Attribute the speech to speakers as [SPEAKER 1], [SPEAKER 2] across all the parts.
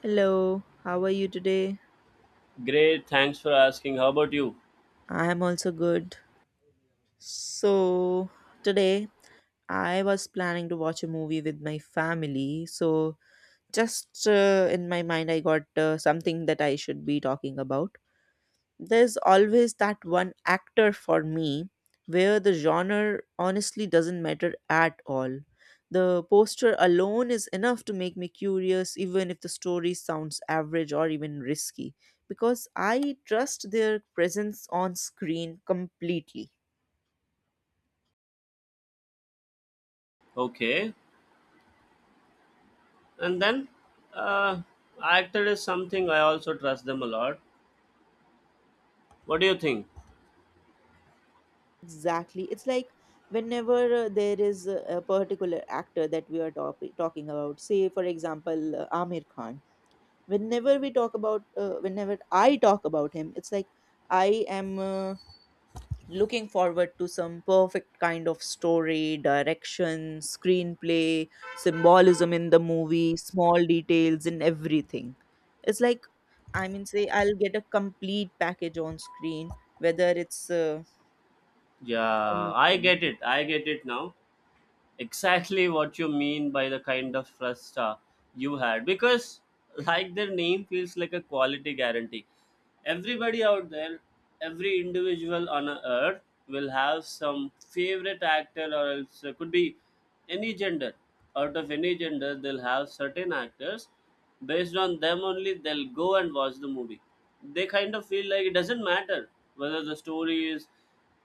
[SPEAKER 1] Hello, how are you today?
[SPEAKER 2] Great, thanks for asking. How about you?
[SPEAKER 1] I am also good. So, today I was planning to watch a movie with my family. So, just in my mind, I got something that I should be talking about. There's always that one actor for me where the genre honestly doesn't matter at all. The poster alone is enough to make me curious, even if the story sounds average or even risky, because I trust their presence on screen completely.
[SPEAKER 2] Okay. And then, uh, actor is something I also trust them a lot. What do you think?
[SPEAKER 1] Exactly. It's like whenever there is a particular actor that we are talking about, say, for example, Amir Khan. Whenever we talk about whenever I talk about him, it's like I am looking forward to some perfect kind of story, direction, screenplay, symbolism in the movie, small details in everything. It's like, I mean, say I'll get a complete package on screen, whether it's
[SPEAKER 2] Yeah, I
[SPEAKER 1] anything.
[SPEAKER 2] get it. I get it now. Exactly what you mean by the kind of frustra you had, because like their name feels like a quality guarantee. Everybody out there, every individual on a earth will have some favorite actor, or else it could be any gender. Out of any gender they'll have certain actors, based on them only they'll go and watch the movie. They kind of feel like it doesn't matter whether the story is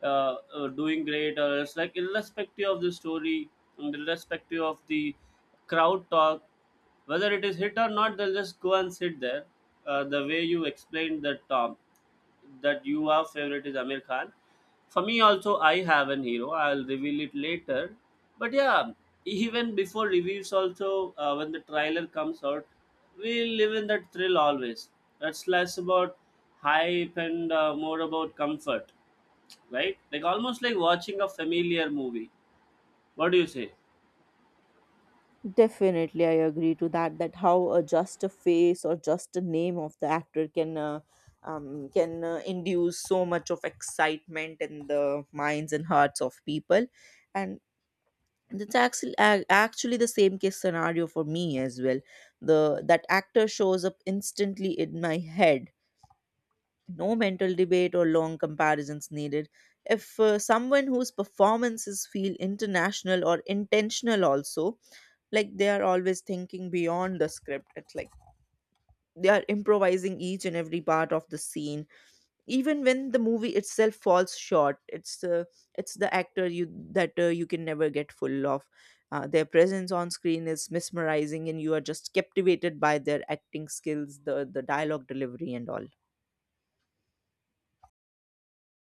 [SPEAKER 2] doing great, or else like irrespective of the story and irrespective of the crowd talk, whether it is hit or not they'll just go and sit there. The way you explained that, that you are favorite is Amir Khan, for me also I have an hero, I'll reveal it later. But yeah, even before reviews also, when the trailer comes out, we live in that thrill always. That's less about hype and more about comfort, right? Like almost like watching a familiar movie. What do you say?
[SPEAKER 1] Definitely, I agree to that. That how just a face or just a name of the actor can induce so much of excitement in the minds and hearts of people, and that's actually the same case scenario for me as well. The that actor shows up instantly in my head. No mental debate or long comparisons needed. If someone whose performances feel international or intentional also, like they are always thinking beyond the script. It's like they are improvising each and every part of the scene. Even when the movie itself falls short, it's the actor you can never get full of. Their presence on screen is mesmerizing, and you are just captivated by their acting skills, the dialogue delivery and all.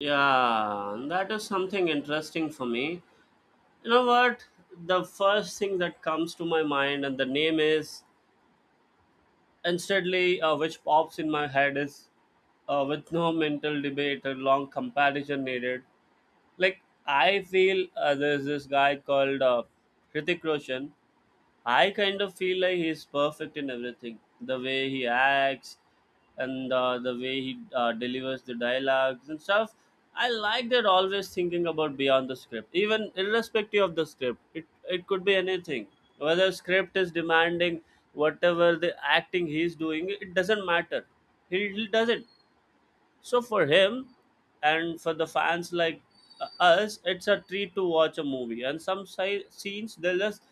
[SPEAKER 2] Yeah, and that is something interesting for me. You know what? The first thing that comes to my mind and the name is instantly, which pops in my head is, with no mental debate or long comparison needed. Like I feel there's this guy called Hrithik Roshan. I kind of feel like he's perfect in everything. The way he acts and the way he delivers the dialogues and stuff. I like that always thinking about beyond the script, even irrespective of the script. It could be anything. Whether script is demanding, whatever the acting he's doing, it doesn't matter. He does it. So for him and for the fans like us, it's a treat to watch a movie, and some scenes they'll just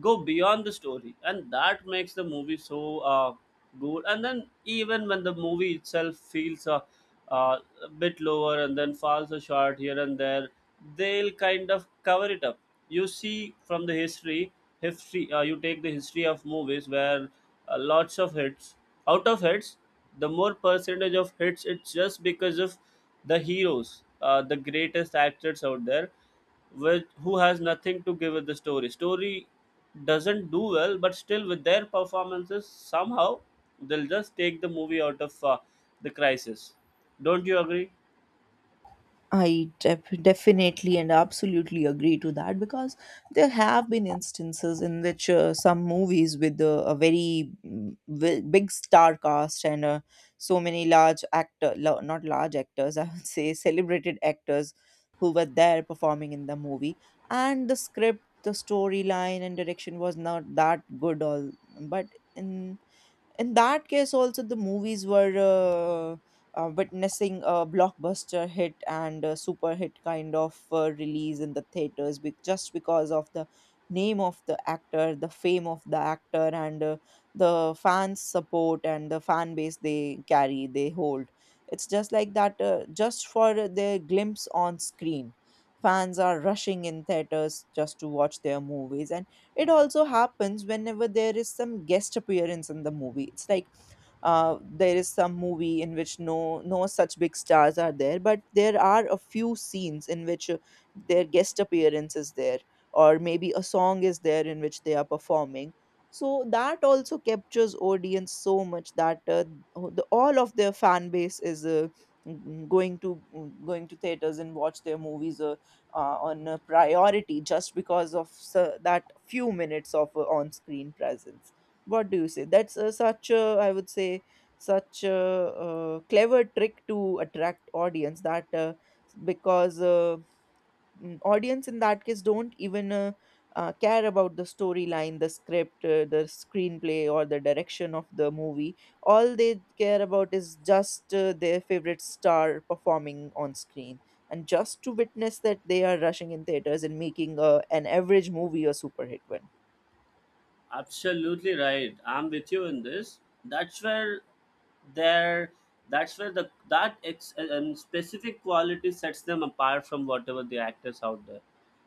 [SPEAKER 2] go beyond the story and that makes the movie so good. And then even when the movie itself feels a bit lower and then falls a short here and there, they'll kind of cover it up. You see, from the history, you take the history of movies where lots of hits, out of hits, the more percentage of hits, it's just because of the heroes. The greatest actors out there, with who has nothing to give with the story, doesn't do well, but still with their performances somehow they'll just take the movie out of the crisis. Don't you agree?
[SPEAKER 1] I definitely and absolutely agree to that, because there have been instances in which some movies with a very big star cast and so many large actor, not large actors, I would say celebrated actors, who were there performing in the movie, and the script, the storyline, and direction was not that good. All, but in in that case also, the movies were witnessing a blockbuster hit and a super hit kind of release in the theaters, just because of the name of the actor, the fame of the actor, and the fans support and the fan base they carry, they hold. It's just like that, just for their glimpse on screen, fans are rushing in theaters just to watch their movies. And it also happens whenever there is some guest appearance in the movie. It's like there is some movie in which no such big stars are there, but there are a few scenes in which their guest appearance is there, or maybe a song is there in which they are performing. So that also captures audience so much that the, all of their fan base is going to going to theaters and watch their movies on a priority, just because of that few minutes of on-screen presence. What do you say? That's such a, I would say, such a, clever trick to attract audience. That because audience in that case don't even care about the storyline, the script, the screenplay, or the direction of the movie. All they care about is just their favorite star performing on screen. And just to witness that, they are rushing in theaters and making an average movie a super hit one.
[SPEAKER 2] Absolutely right. I'm with you in this. That's where their, that's where the specific quality sets them apart from whatever the actors out there,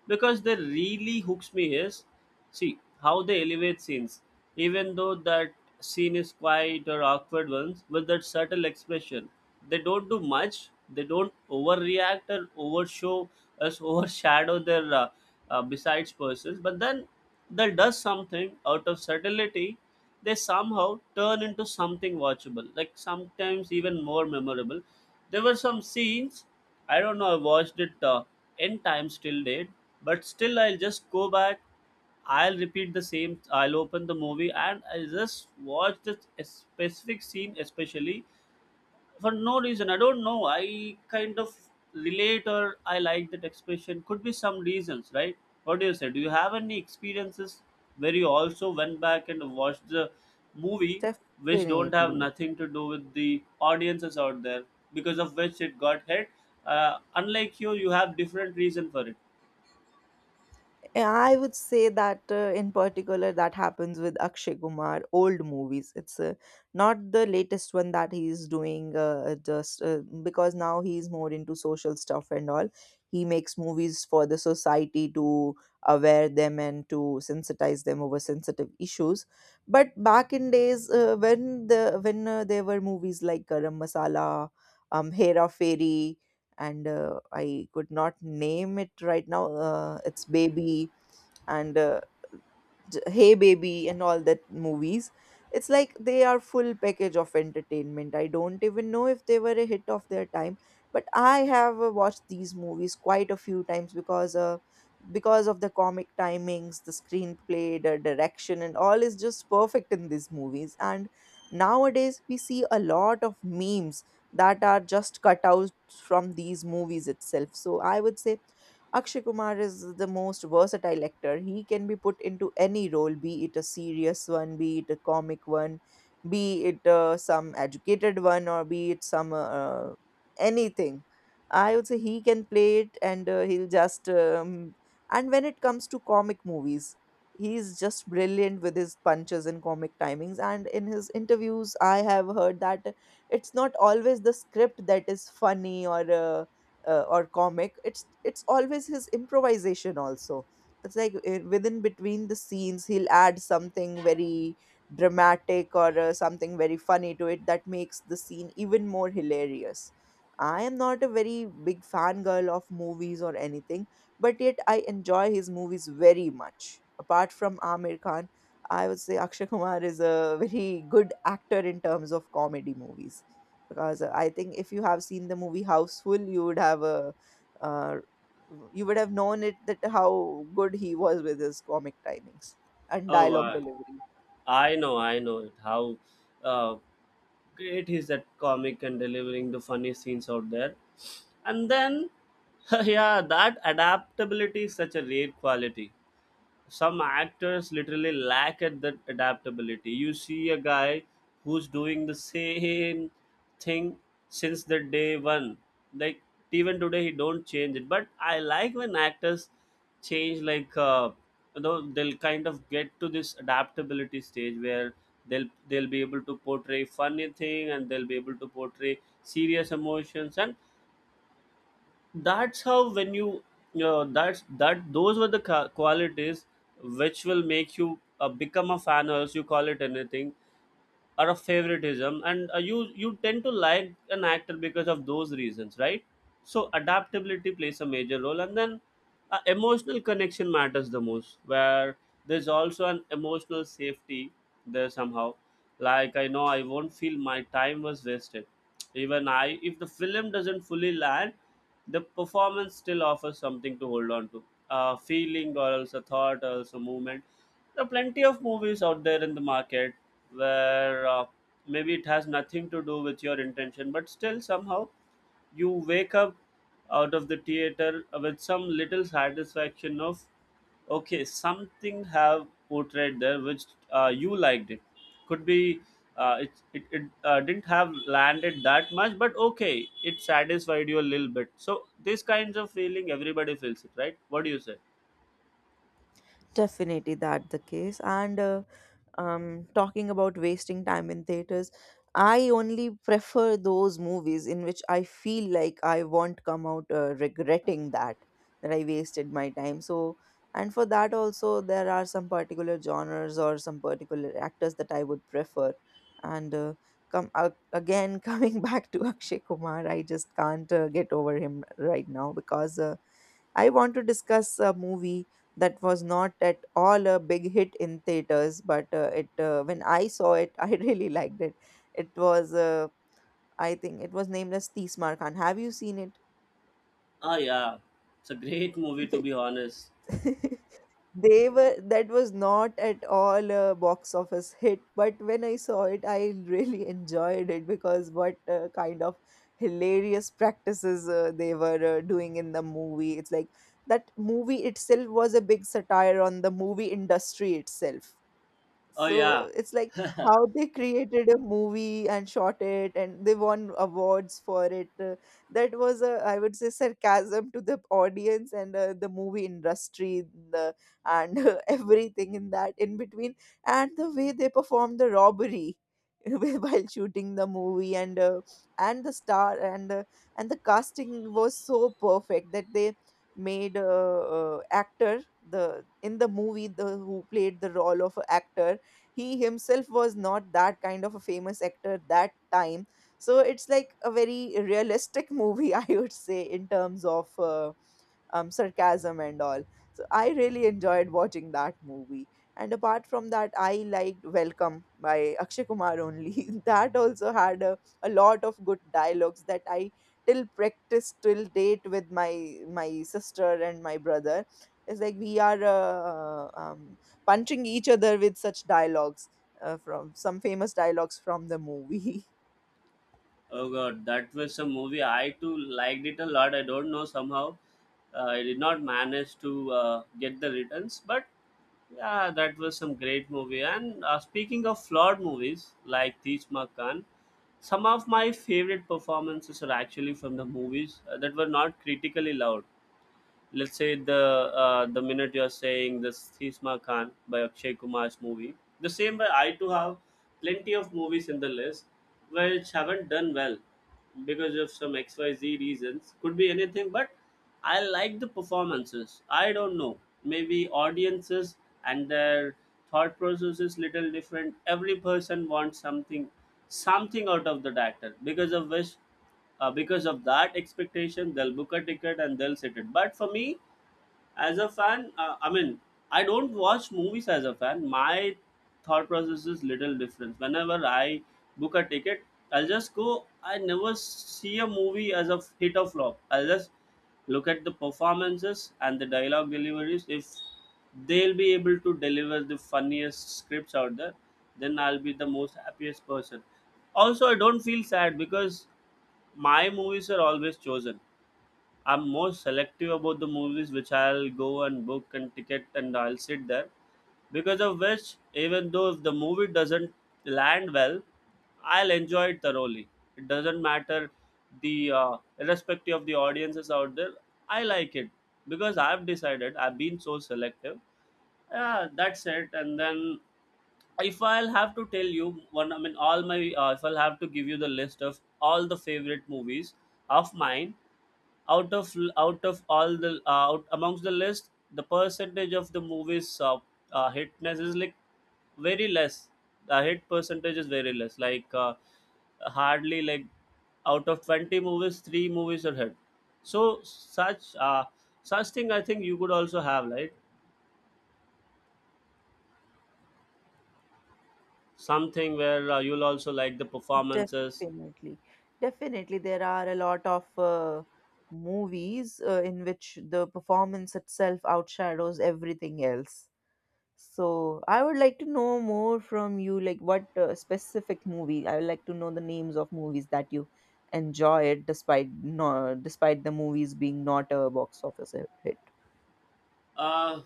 [SPEAKER 2] because they really hooks me is, see how they elevate scenes, even though that scene is quiet or awkward ones. With that subtle expression, they don't do much, they don't overreact or overshow us overshadow their besides persons. But then that does something out of subtlety, they somehow turn into something watchable, like sometimes even more memorable. There were some scenes, I don't know, I watched it n times till date, but still I'll just go back, I'll repeat the same, I'll open the movie and I'll just watch the specific scene especially, for no reason, I don't know. I kind of relate, or I like that expression, could be some reasons, right? What do you say? Do you have any experiences where you also went back and watched the movie, which don't have
[SPEAKER 1] Definitely.
[SPEAKER 2] nothing to do with the audiences out there because of which it got hit, unlike you have different reason for it.
[SPEAKER 1] Yeah, I would say that in particular, that happens with Akshay Kumar old movies. It's not the latest one that he's doing, just because now he's more into social stuff and all. He makes movies for the society to aware them and to sensitize them over sensitive issues. But back in days, when there were movies like Garam Masala, Hera Fairy, and I could not name it right now. It's Baby, and Hey Baby and all that movies. It's like they are full package of entertainment. I don't even know if they were a hit of their time, but I have watched these movies quite a few times, because of the comic timings, the screenplay, the direction, and all is just perfect in these movies. And nowadays we see a lot of memes that are just cut out from these movies itself. So I would say Akshay Kumar is the most versatile actor. He can be put into any role, be it a serious one, be it a comic one, be it some educated one, or be it some anything. I would say he can play it, and he'll just. And when it comes to comic movies, he's just brilliant with his punches and comic timings. And in his interviews, I have heard that it's not always the script that is funny or. Or comic, it's always his improvisation also. It's like within between the scenes, he'll add something very dramatic or something very funny to it that makes the scene even more hilarious. I am not a very big fangirl of movies or anything, but yet I enjoy his movies very much. Apart from Amir Khan, I would say Akshay Kumar is a very good actor in terms of comedy movies, because I think if you have seen the movie Houseful, you would have a uh, you would have known it, that how good he was with his comic timings and
[SPEAKER 2] Oh,
[SPEAKER 1] dialogue
[SPEAKER 2] I
[SPEAKER 1] delivery.
[SPEAKER 2] I know, I know it. How uh, great he's that comic and delivering the funny scenes out there. And then yeah, that adaptability is such a rare quality. Some actors literally lack at that adaptability. You see a guy who's doing the same thing since the day one. Like even today he don't change it. But I like when actors change. Like you know, they'll kind of get to this adaptability stage where they'll be able to portray funny thing, and they'll be able to portray serious emotions. And that's how, when you, that those were the qualities which will make you become a fan, or else you call it anything, or a favoritism. And you tend to like an actor because of those reasons, right? So adaptability plays a major role. And then emotional connection matters the most, where there's also an emotional safety there somehow. Like I know I won't feel my time was wasted, even I if the film doesn't fully land, the performance still offers something to hold on to, a feeling, or else a thought, or else a movement. There are plenty of movies out there in the market where maybe it has nothing to do with your intention, but still somehow you wake up out of the theater with some little satisfaction of, okay, something have portrayed there which you liked it. Could be, it didn't have landed that much, but okay, it satisfied you a little bit. So this kinds of feeling everybody feels it, right? What do you say?
[SPEAKER 1] Definitely that the case. And talking about wasting time in theaters, I only prefer those movies in which I feel like I won't come out regretting that I wasted my time. So, and for that also, there are some particular genres or some particular actors that I would prefer. And come again, coming back to Akshay Kumar, I just can't get over him right now because. I want to discuss a movie that was not at all a big hit in theaters, but it when I saw it, I really liked it. It was, I think, it was named as Tismar Khan. Have you seen
[SPEAKER 2] Oh yeah, it's a great movie to
[SPEAKER 1] it?
[SPEAKER 2] be honest.
[SPEAKER 1] They were, that was not at all a box office hit, but when I saw it, I really enjoyed it, because what kind of hilarious practices they were doing in the movie. It's like that movie itself was a big satire on the movie industry itself.
[SPEAKER 2] Oh
[SPEAKER 1] So
[SPEAKER 2] yeah.
[SPEAKER 1] it's like how they created a movie and shot it, and they won awards for it. That was a, I would say, sarcasm to the audience and the movie industry, the and everything in that in between, and the way they performed the robbery while shooting the movie, and the star, and the casting was so perfect that they made a, actor, the in the movie, the who played the role of a actor, he himself was not that kind of a famous actor that time. So it's like a very realistic movie, I would say, in terms of sarcasm and all. So I really enjoyed watching that movie. And apart from that, I liked Welcome by Akshay Kumar only. That also had a lot of good dialogues that I till practice till date with my sister and my brother. It's like we are punching each other with such dialogues from some famous dialogues from the movie.
[SPEAKER 2] Oh god, that was a movie. I too liked it a lot. I don't know somehow. I did not manage to get the returns, but yeah, that was some great movie. And speaking of flawed movies like Teach Makan, some of my favorite performances are actually from the movies that were not critically loved. Let's say the, the minute you're saying this Thisma Khan by Akshay Kumar's movie, the same way I too have plenty of movies in the list which haven't done well because of some XYZ reasons. Could be anything, but I like the performances. I don't know. Maybe audiences and their thought process is little different. Every person wants something out of that actor, because of which, because of that expectation they'll book a ticket and they'll sit it. But for me as a fan, I mean, I don't watch movies as a fan. My thought process is little different. Whenever I book a ticket, I'll just go. I never see a movie as a hit or flop. I'll just look at the performances and the dialogue deliveries. If they'll be able to deliver the funniest scripts out there, then I'll be the most happiest person. Also, I don't feel sad because my movies are always chosen. I'm more selective about the movies which I'll go and book and ticket and I'll sit there. Because of which, even though if the movie doesn't land well, I'll enjoy it thoroughly. It doesn't matter, the irrespective of the audiences out there, I like it because I've decided, I've been so selective. Yeah, that's it. And then, if I'll have to tell you one, I mean all my, if I'll have to give you the list of all the favorite movies of mine, out of all the, out amongst the list, the percentage of the movies, hitness is like very less. The hit percentage is very less, like hardly, like out of 20 movies three movies are hit. So such, such thing I think you could also have, right? Something where you'll also like the performances.
[SPEAKER 1] Definitely. Definitely, there are a lot of movies in which the performance itself outshadows everything else. So, I would like to know more from you, like what specific movie? I would like to know the names of movies that you enjoy it despite no, despite the movies being not a box office hit.
[SPEAKER 2] Uh,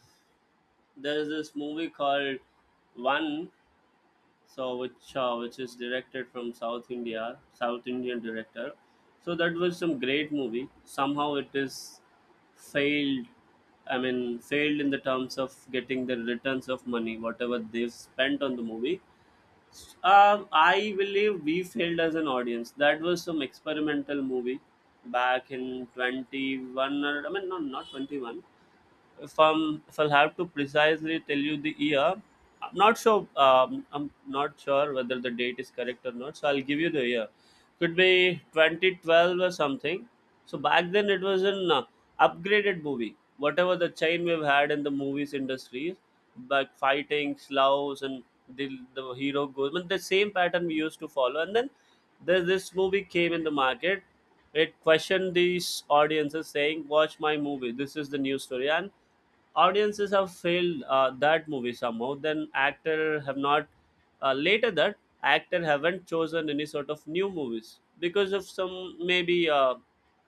[SPEAKER 2] there is this movie called One, so which, which is directed from South India, South Indian director. So that was some great movie. Somehow it is failed. I mean, failed in the terms of getting the returns of money, whatever they've spent on the movie. I believe we failed as an audience. That was some experimental movie back in 21, or I mean no, not 21. If I'm if I'll have to precisely tell you the year, I'm not sure. I'm not sure whether the date is correct or not. So I'll give you the year. Could be 2012 or something. So back then it was an upgraded movie. Whatever the chain we've had in the movies industry, like fighting, slows, and the hero goes. But the same pattern we used to follow, and then there's this movie came in the market. It questioned these audiences, saying, "Watch my movie. This is the new story." And audiences have failed that movie somehow then actor have not later that actor haven't chosen any sort of new movies because of some maybe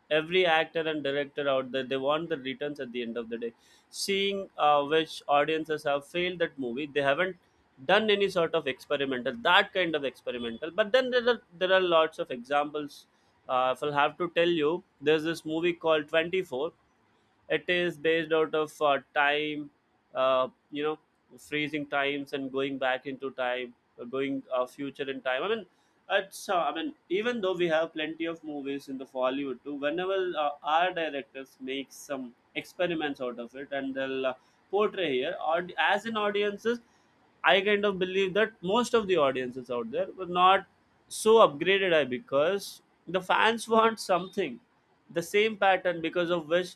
[SPEAKER 2] every actor and director out there they want the returns at the end of the day seeing which audiences have failed that movie they haven't done any sort of experimental that kind of experimental but then there are lots of examples if I'll have to tell you there's this movie called 24. It is based out of time, uh, you know, freezing times and going back into time, going future in time. Even though we have plenty of movies in the Hollywood too, whenever our directors make some experiments out of it and they'll portray here, as in audiences, I kind of believe that most of the audiences out there were not so upgraded I because the fans want something, the same pattern because of which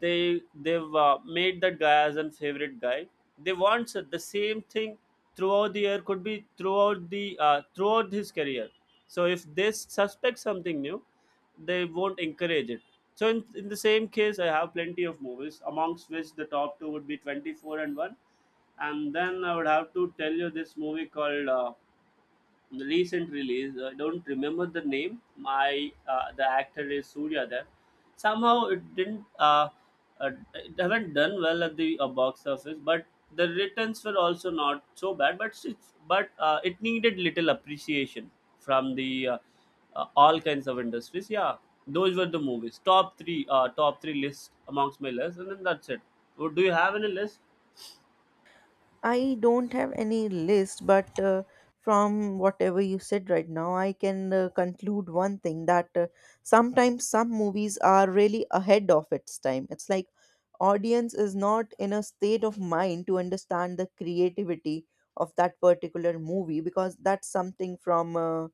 [SPEAKER 2] they've made that guy as a favorite guy they want the same thing throughout the year could be throughout the throughout his career. So if they suspect something new they won't encourage it. So in the same case I have plenty of movies amongst which the top two would be 24 and 1. And then I would have to tell you this movie called the recent release. I don't remember the name. My the actor is Surya there. Somehow it didn't. It haven't done well at the box office, but the returns were also not so bad. But it needed little appreciation from the all kinds of industries. Yeah, those were the movies. Top three list amongst my list, and then that's it. Do you have any list?
[SPEAKER 1] I don't have any list, but from whatever you said right now, I can conclude one thing that sometimes some movies are really ahead of its time. It's like audience is not in a state of mind to understand the creativity of that particular movie, because that's something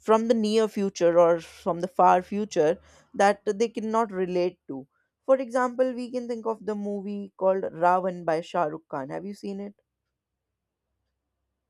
[SPEAKER 1] from the near future or from the far future that they cannot relate to. For example, we can think of the movie called Ravan by Shah Rukh Khan. Have you seen it?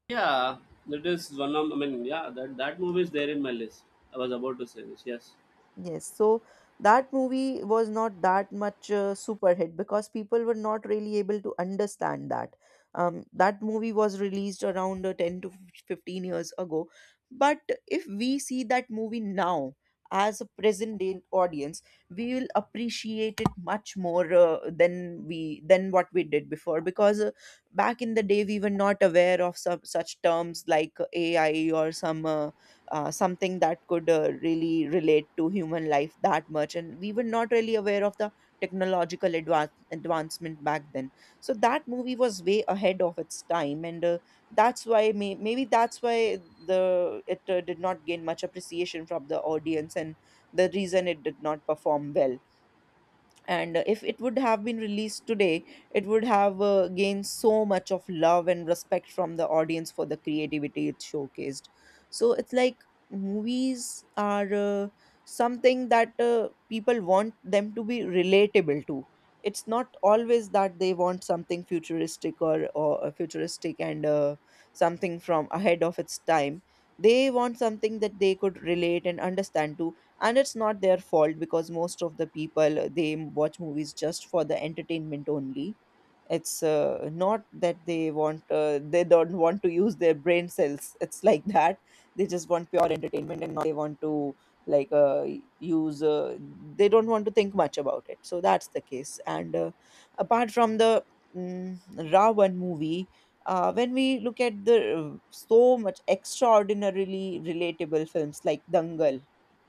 [SPEAKER 2] Yeah, that is one of. I mean, yeah, that movie is there in my list. I was about to say this. Yes,
[SPEAKER 1] Yes, so that movie was not that much super hit, because people were not really able to understand that. That movie was released around 10 to 15 years ago. But if we see that movie now as a present day audience, we will appreciate it much more than we than what we did before because back in the day we were not aware of some such terms like AI or some something that could really relate to human life that much, and we were not really aware of the technological advancement back then. So that movie was way ahead of its time, and maybe that's why the it did not gain much appreciation from the audience and the reason it did not perform well. And if it would have been released today, it would have gained so much of love and respect from the audience for the creativity it showcased. So it's like movies are something that people want them to be relatable to. It's not always that they want something futuristic or futuristic and something from ahead of its time. They want something that they could relate and understand to. And it's not their fault because most of the people, they watch movies just for the entertainment only. It's not that they want they don't want to use their brain cells, it's like that. They just want pure entertainment and not they want to like use they don't want to think much about it, so that's the case. And apart from the mm, Ravan movie, when we look at the so much extraordinarily relatable films like Dangal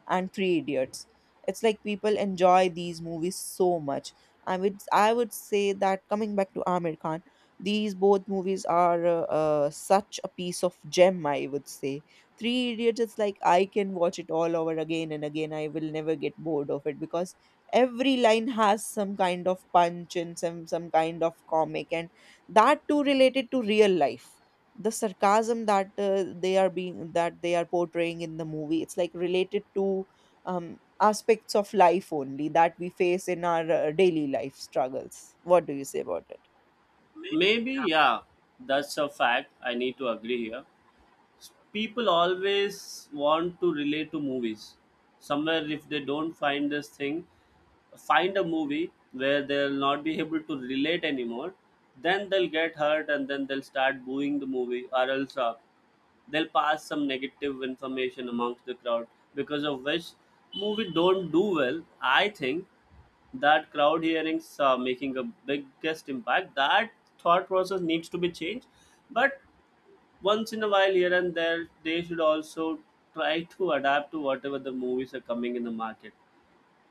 [SPEAKER 1] and Three Idiots. It's like people enjoy these movies so much. I would say that, coming back to Amir Khan, these both movies are such a piece of gem. I would say Three Idiots is like I can watch it all over again and again. I will never get bored of it because every line has some kind of punch and some kind of comic, and that too related to real life. The sarcasm that they are being that they are portraying in the movie, it's like related to aspects of life only that we face in our daily life struggles. What do you say about it?
[SPEAKER 2] maybe. Yeah, that's a fact. I need to agree here. People always want to relate to movies somewhere if they don't find this thing find a movie where they'll not be able to relate anymore then they'll get hurt and then they'll start booing the movie or else they'll pass some negative information amongst the crowd because of which movie don't do well. I think that crowd hearings are making a biggest impact. That thought process needs to be changed. But once in a while here and there they should also try to adapt to whatever the movies are coming in the market.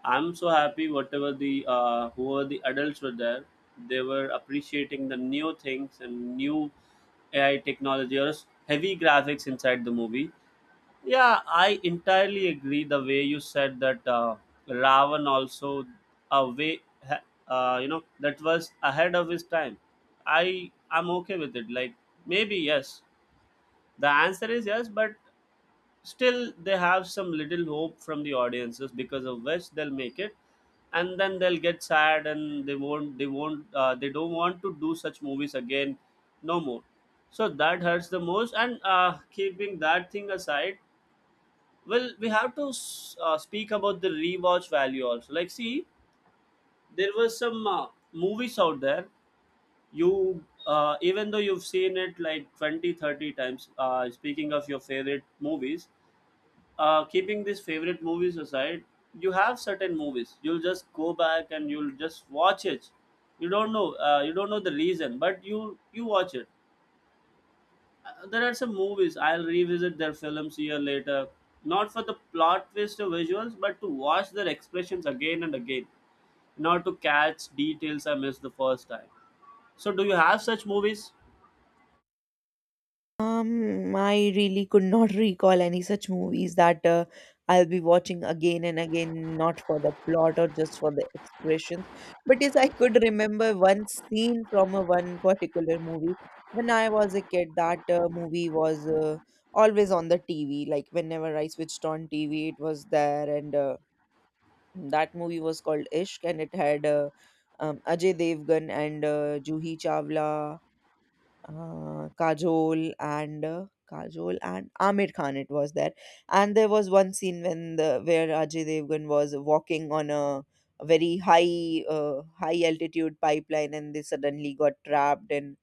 [SPEAKER 2] I'm so happy whatever the whoever the adults were there they were appreciating the new things and new AI technology or heavy graphics inside the movie. Yeah, I entirely agree the way you said that ravan also a way that was ahead of his time. I'm okay with it like maybe yes the answer is yes, but still they have some little hope from the audiences because of which they'll make it, and then they'll get sad and they won't they don't want to do such movies again, no more. So that hurts the most. And keeping that thing aside, well, we have to speak about the rewatch value also. Like, see, there was some movies out there you even though you've seen it like 20, 30 times speaking of your favorite movies keeping these favorite movies aside, you have certain movies. You'll just go back and you'll just watch it. You don't know. You don't know the reason, but you watch it. There are some movies I'll revisit their films year later, not for the plot twist or visuals, but to watch their expressions again and again, in order to catch details I missed the first time. So, do you have such movies?
[SPEAKER 1] I really could not recall any such movies that I'll be watching again and again, not for the plot or just for the expressions. But yes, I could remember one scene from a one particular movie. When I was a kid, that movie was always on the TV. Like whenever I switched on TV, it was there, and that movie was called Ishq, and it had Ajay Devgan and Juhi Chawla Kajol and Kajol and Amir Khan, it was there. And there was one scene when the where Ajay Devgan was walking on a very high high altitude pipeline and they suddenly got trapped. and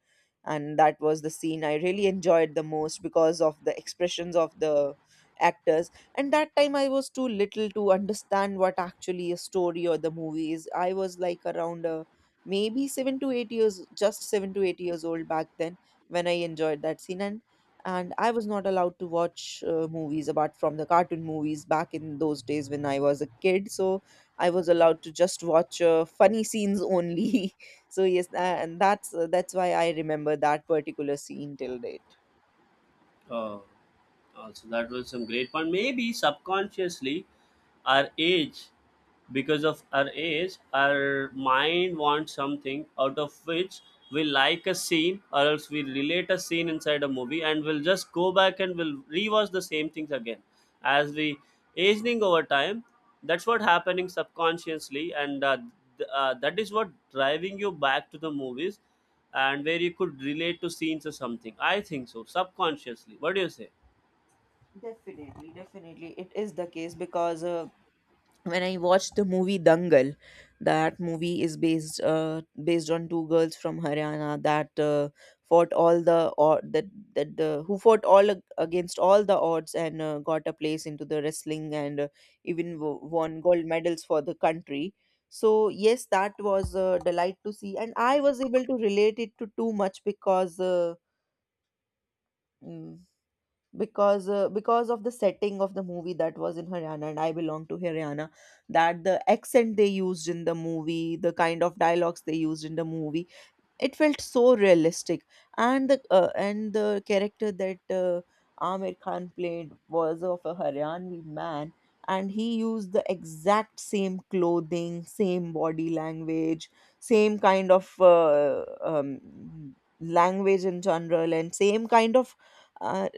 [SPEAKER 1] and that was the scene I really enjoyed the most because of the expressions of the actors. And that time I was too little to understand what actually a story or the movie is. I was like around maybe 7 to 8 years, just 7 to 8 years old back then when I enjoyed that scene. And I was not allowed to watch movies apart from the cartoon movies back in those days when I was a kid, so I was allowed to just watch funny scenes only so yes, tha- and that's why I remember that particular scene till date.
[SPEAKER 2] Oh, also that was some great point. Maybe subconsciously, our age, because of our age, our mind wants something out of which we like a scene, or else we relate a scene inside a movie, and we'll just go back and we'll rewatch the same things again. As we aging over time, that's what happening subconsciously and that is what driving you back to the movies and where you could relate to scenes or something I think so subconsciously. What do you say?
[SPEAKER 1] Definitely, definitely. It is the case because when I watched the movie Dangal, that movie is based on two girls from Haryana that fought all the or that that the who fought against all the odds and got a place into the wrestling and won gold medals for the country. So yes, that was a delight to see, and I was able to relate it to too much because. Mm, because of the setting of the movie that was in Haryana and I belong to Haryana, that the accent they used in the movie, the kind of dialogues they used in the movie, it felt so realistic. And the character that Amir Khan played was of a Haryanvi man, and he used the exact same clothing, same body language, same kind of language in general, and same kind of uh,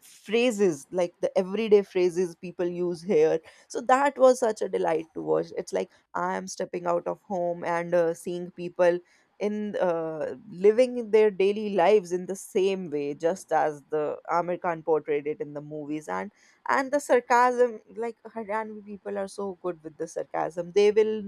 [SPEAKER 1] phrases like the everyday phrases people use here. So that was such a delight to watch. It's like I am stepping out of home and seeing people in living their daily lives in the same way just as the Amir Khan portrayed it in the movies. And the sarcasm, like Haryana people are so good with the sarcasm. They will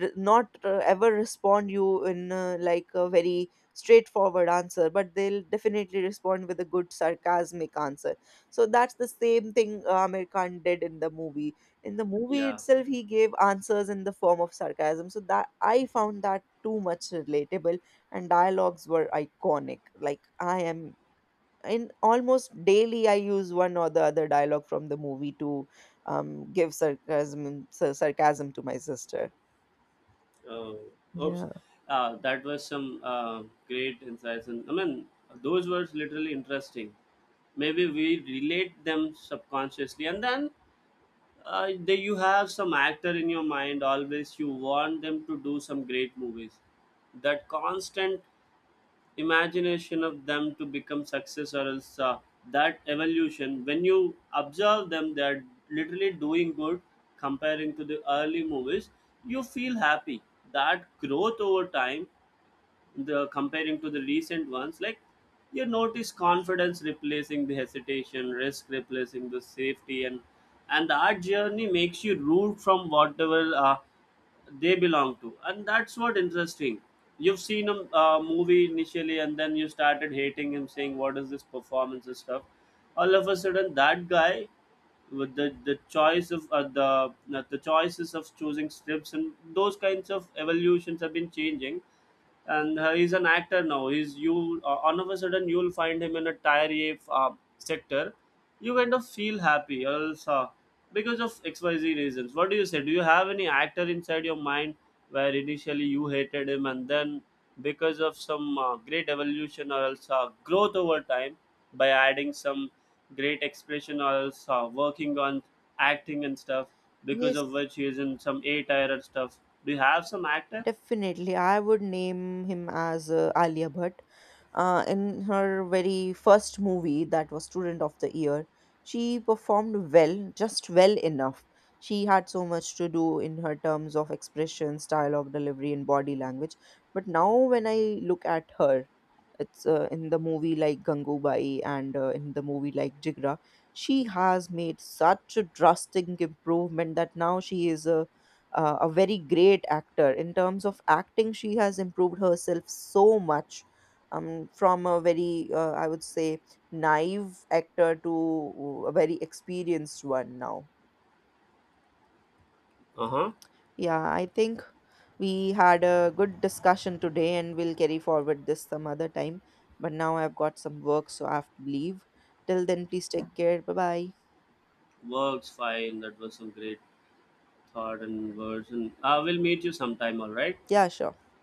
[SPEAKER 1] not ever respond you in like a very straightforward answer, but they'll definitely respond with a good sarcasmic answer. So that's the same thing Amir Khan did in the movie. In the movie
[SPEAKER 2] Yeah.
[SPEAKER 1] itself, he gave answers in the form of sarcasm, so that I found that too much relatable. And dialogues were iconic. Like I am in almost daily I use one or the other dialogue from the movie to sarcasm to my sister.
[SPEAKER 2] uh, Oops.
[SPEAKER 1] Yeah.
[SPEAKER 2] That was some great insights and I mean those were literally interesting. Maybe we relate them subconsciously and then you have some actor in your mind always you want them to do some great movies. That constant imagination of them to become success or else that evolution when you observe them they are literally doing good comparing to the early movies you feel happy. That growth over time, the comparing to the recent ones, like you notice confidence replacing the hesitation, risk replacing the safety, and that journey makes you root from whatever they belong to, and that's what interesting. You've seen a movie initially and then you started hating him saying what is this performance and stuff. All of a sudden that guy with the choice of the choices of choosing scripts and those kinds of evolutions have been changing. And he's an actor now. He's you All of a sudden you'll find him in a tier a sector. You kind of feel happy else because of xyz reasons. What do you say? Do you have any actor inside your mind where initially you hated him and then because of some great evolution or else growth over time by adding some great expression or else working on acting and stuff because
[SPEAKER 1] Yes.
[SPEAKER 2] of which he is in some a tier and stuff? Do you have some actor?
[SPEAKER 1] Definitely, I would name him as Alia Bhatt. In her very first movie, that was Student of the Year, she performed well, just well enough. She had so much to do in her terms of expressions, dialogue delivery, and body language. But now, when I look at her, it's in the movie like Gangubai and in the movie like Jigra, she has made such a drastic improvement that now she is a very great actor. In terms of acting, she has improved herself so much. From a very, I would say, naive actor to a very experienced one now.
[SPEAKER 2] Uh-huh.
[SPEAKER 1] Yeah, I think we had a good discussion today and we'll carry forward this some other time. But now I've got some work, so I have to leave. Till then, please take care. Bye bye.
[SPEAKER 2] Works fine. That was some great thought and words. And I will meet you sometime. All right.
[SPEAKER 1] Yeah, sure.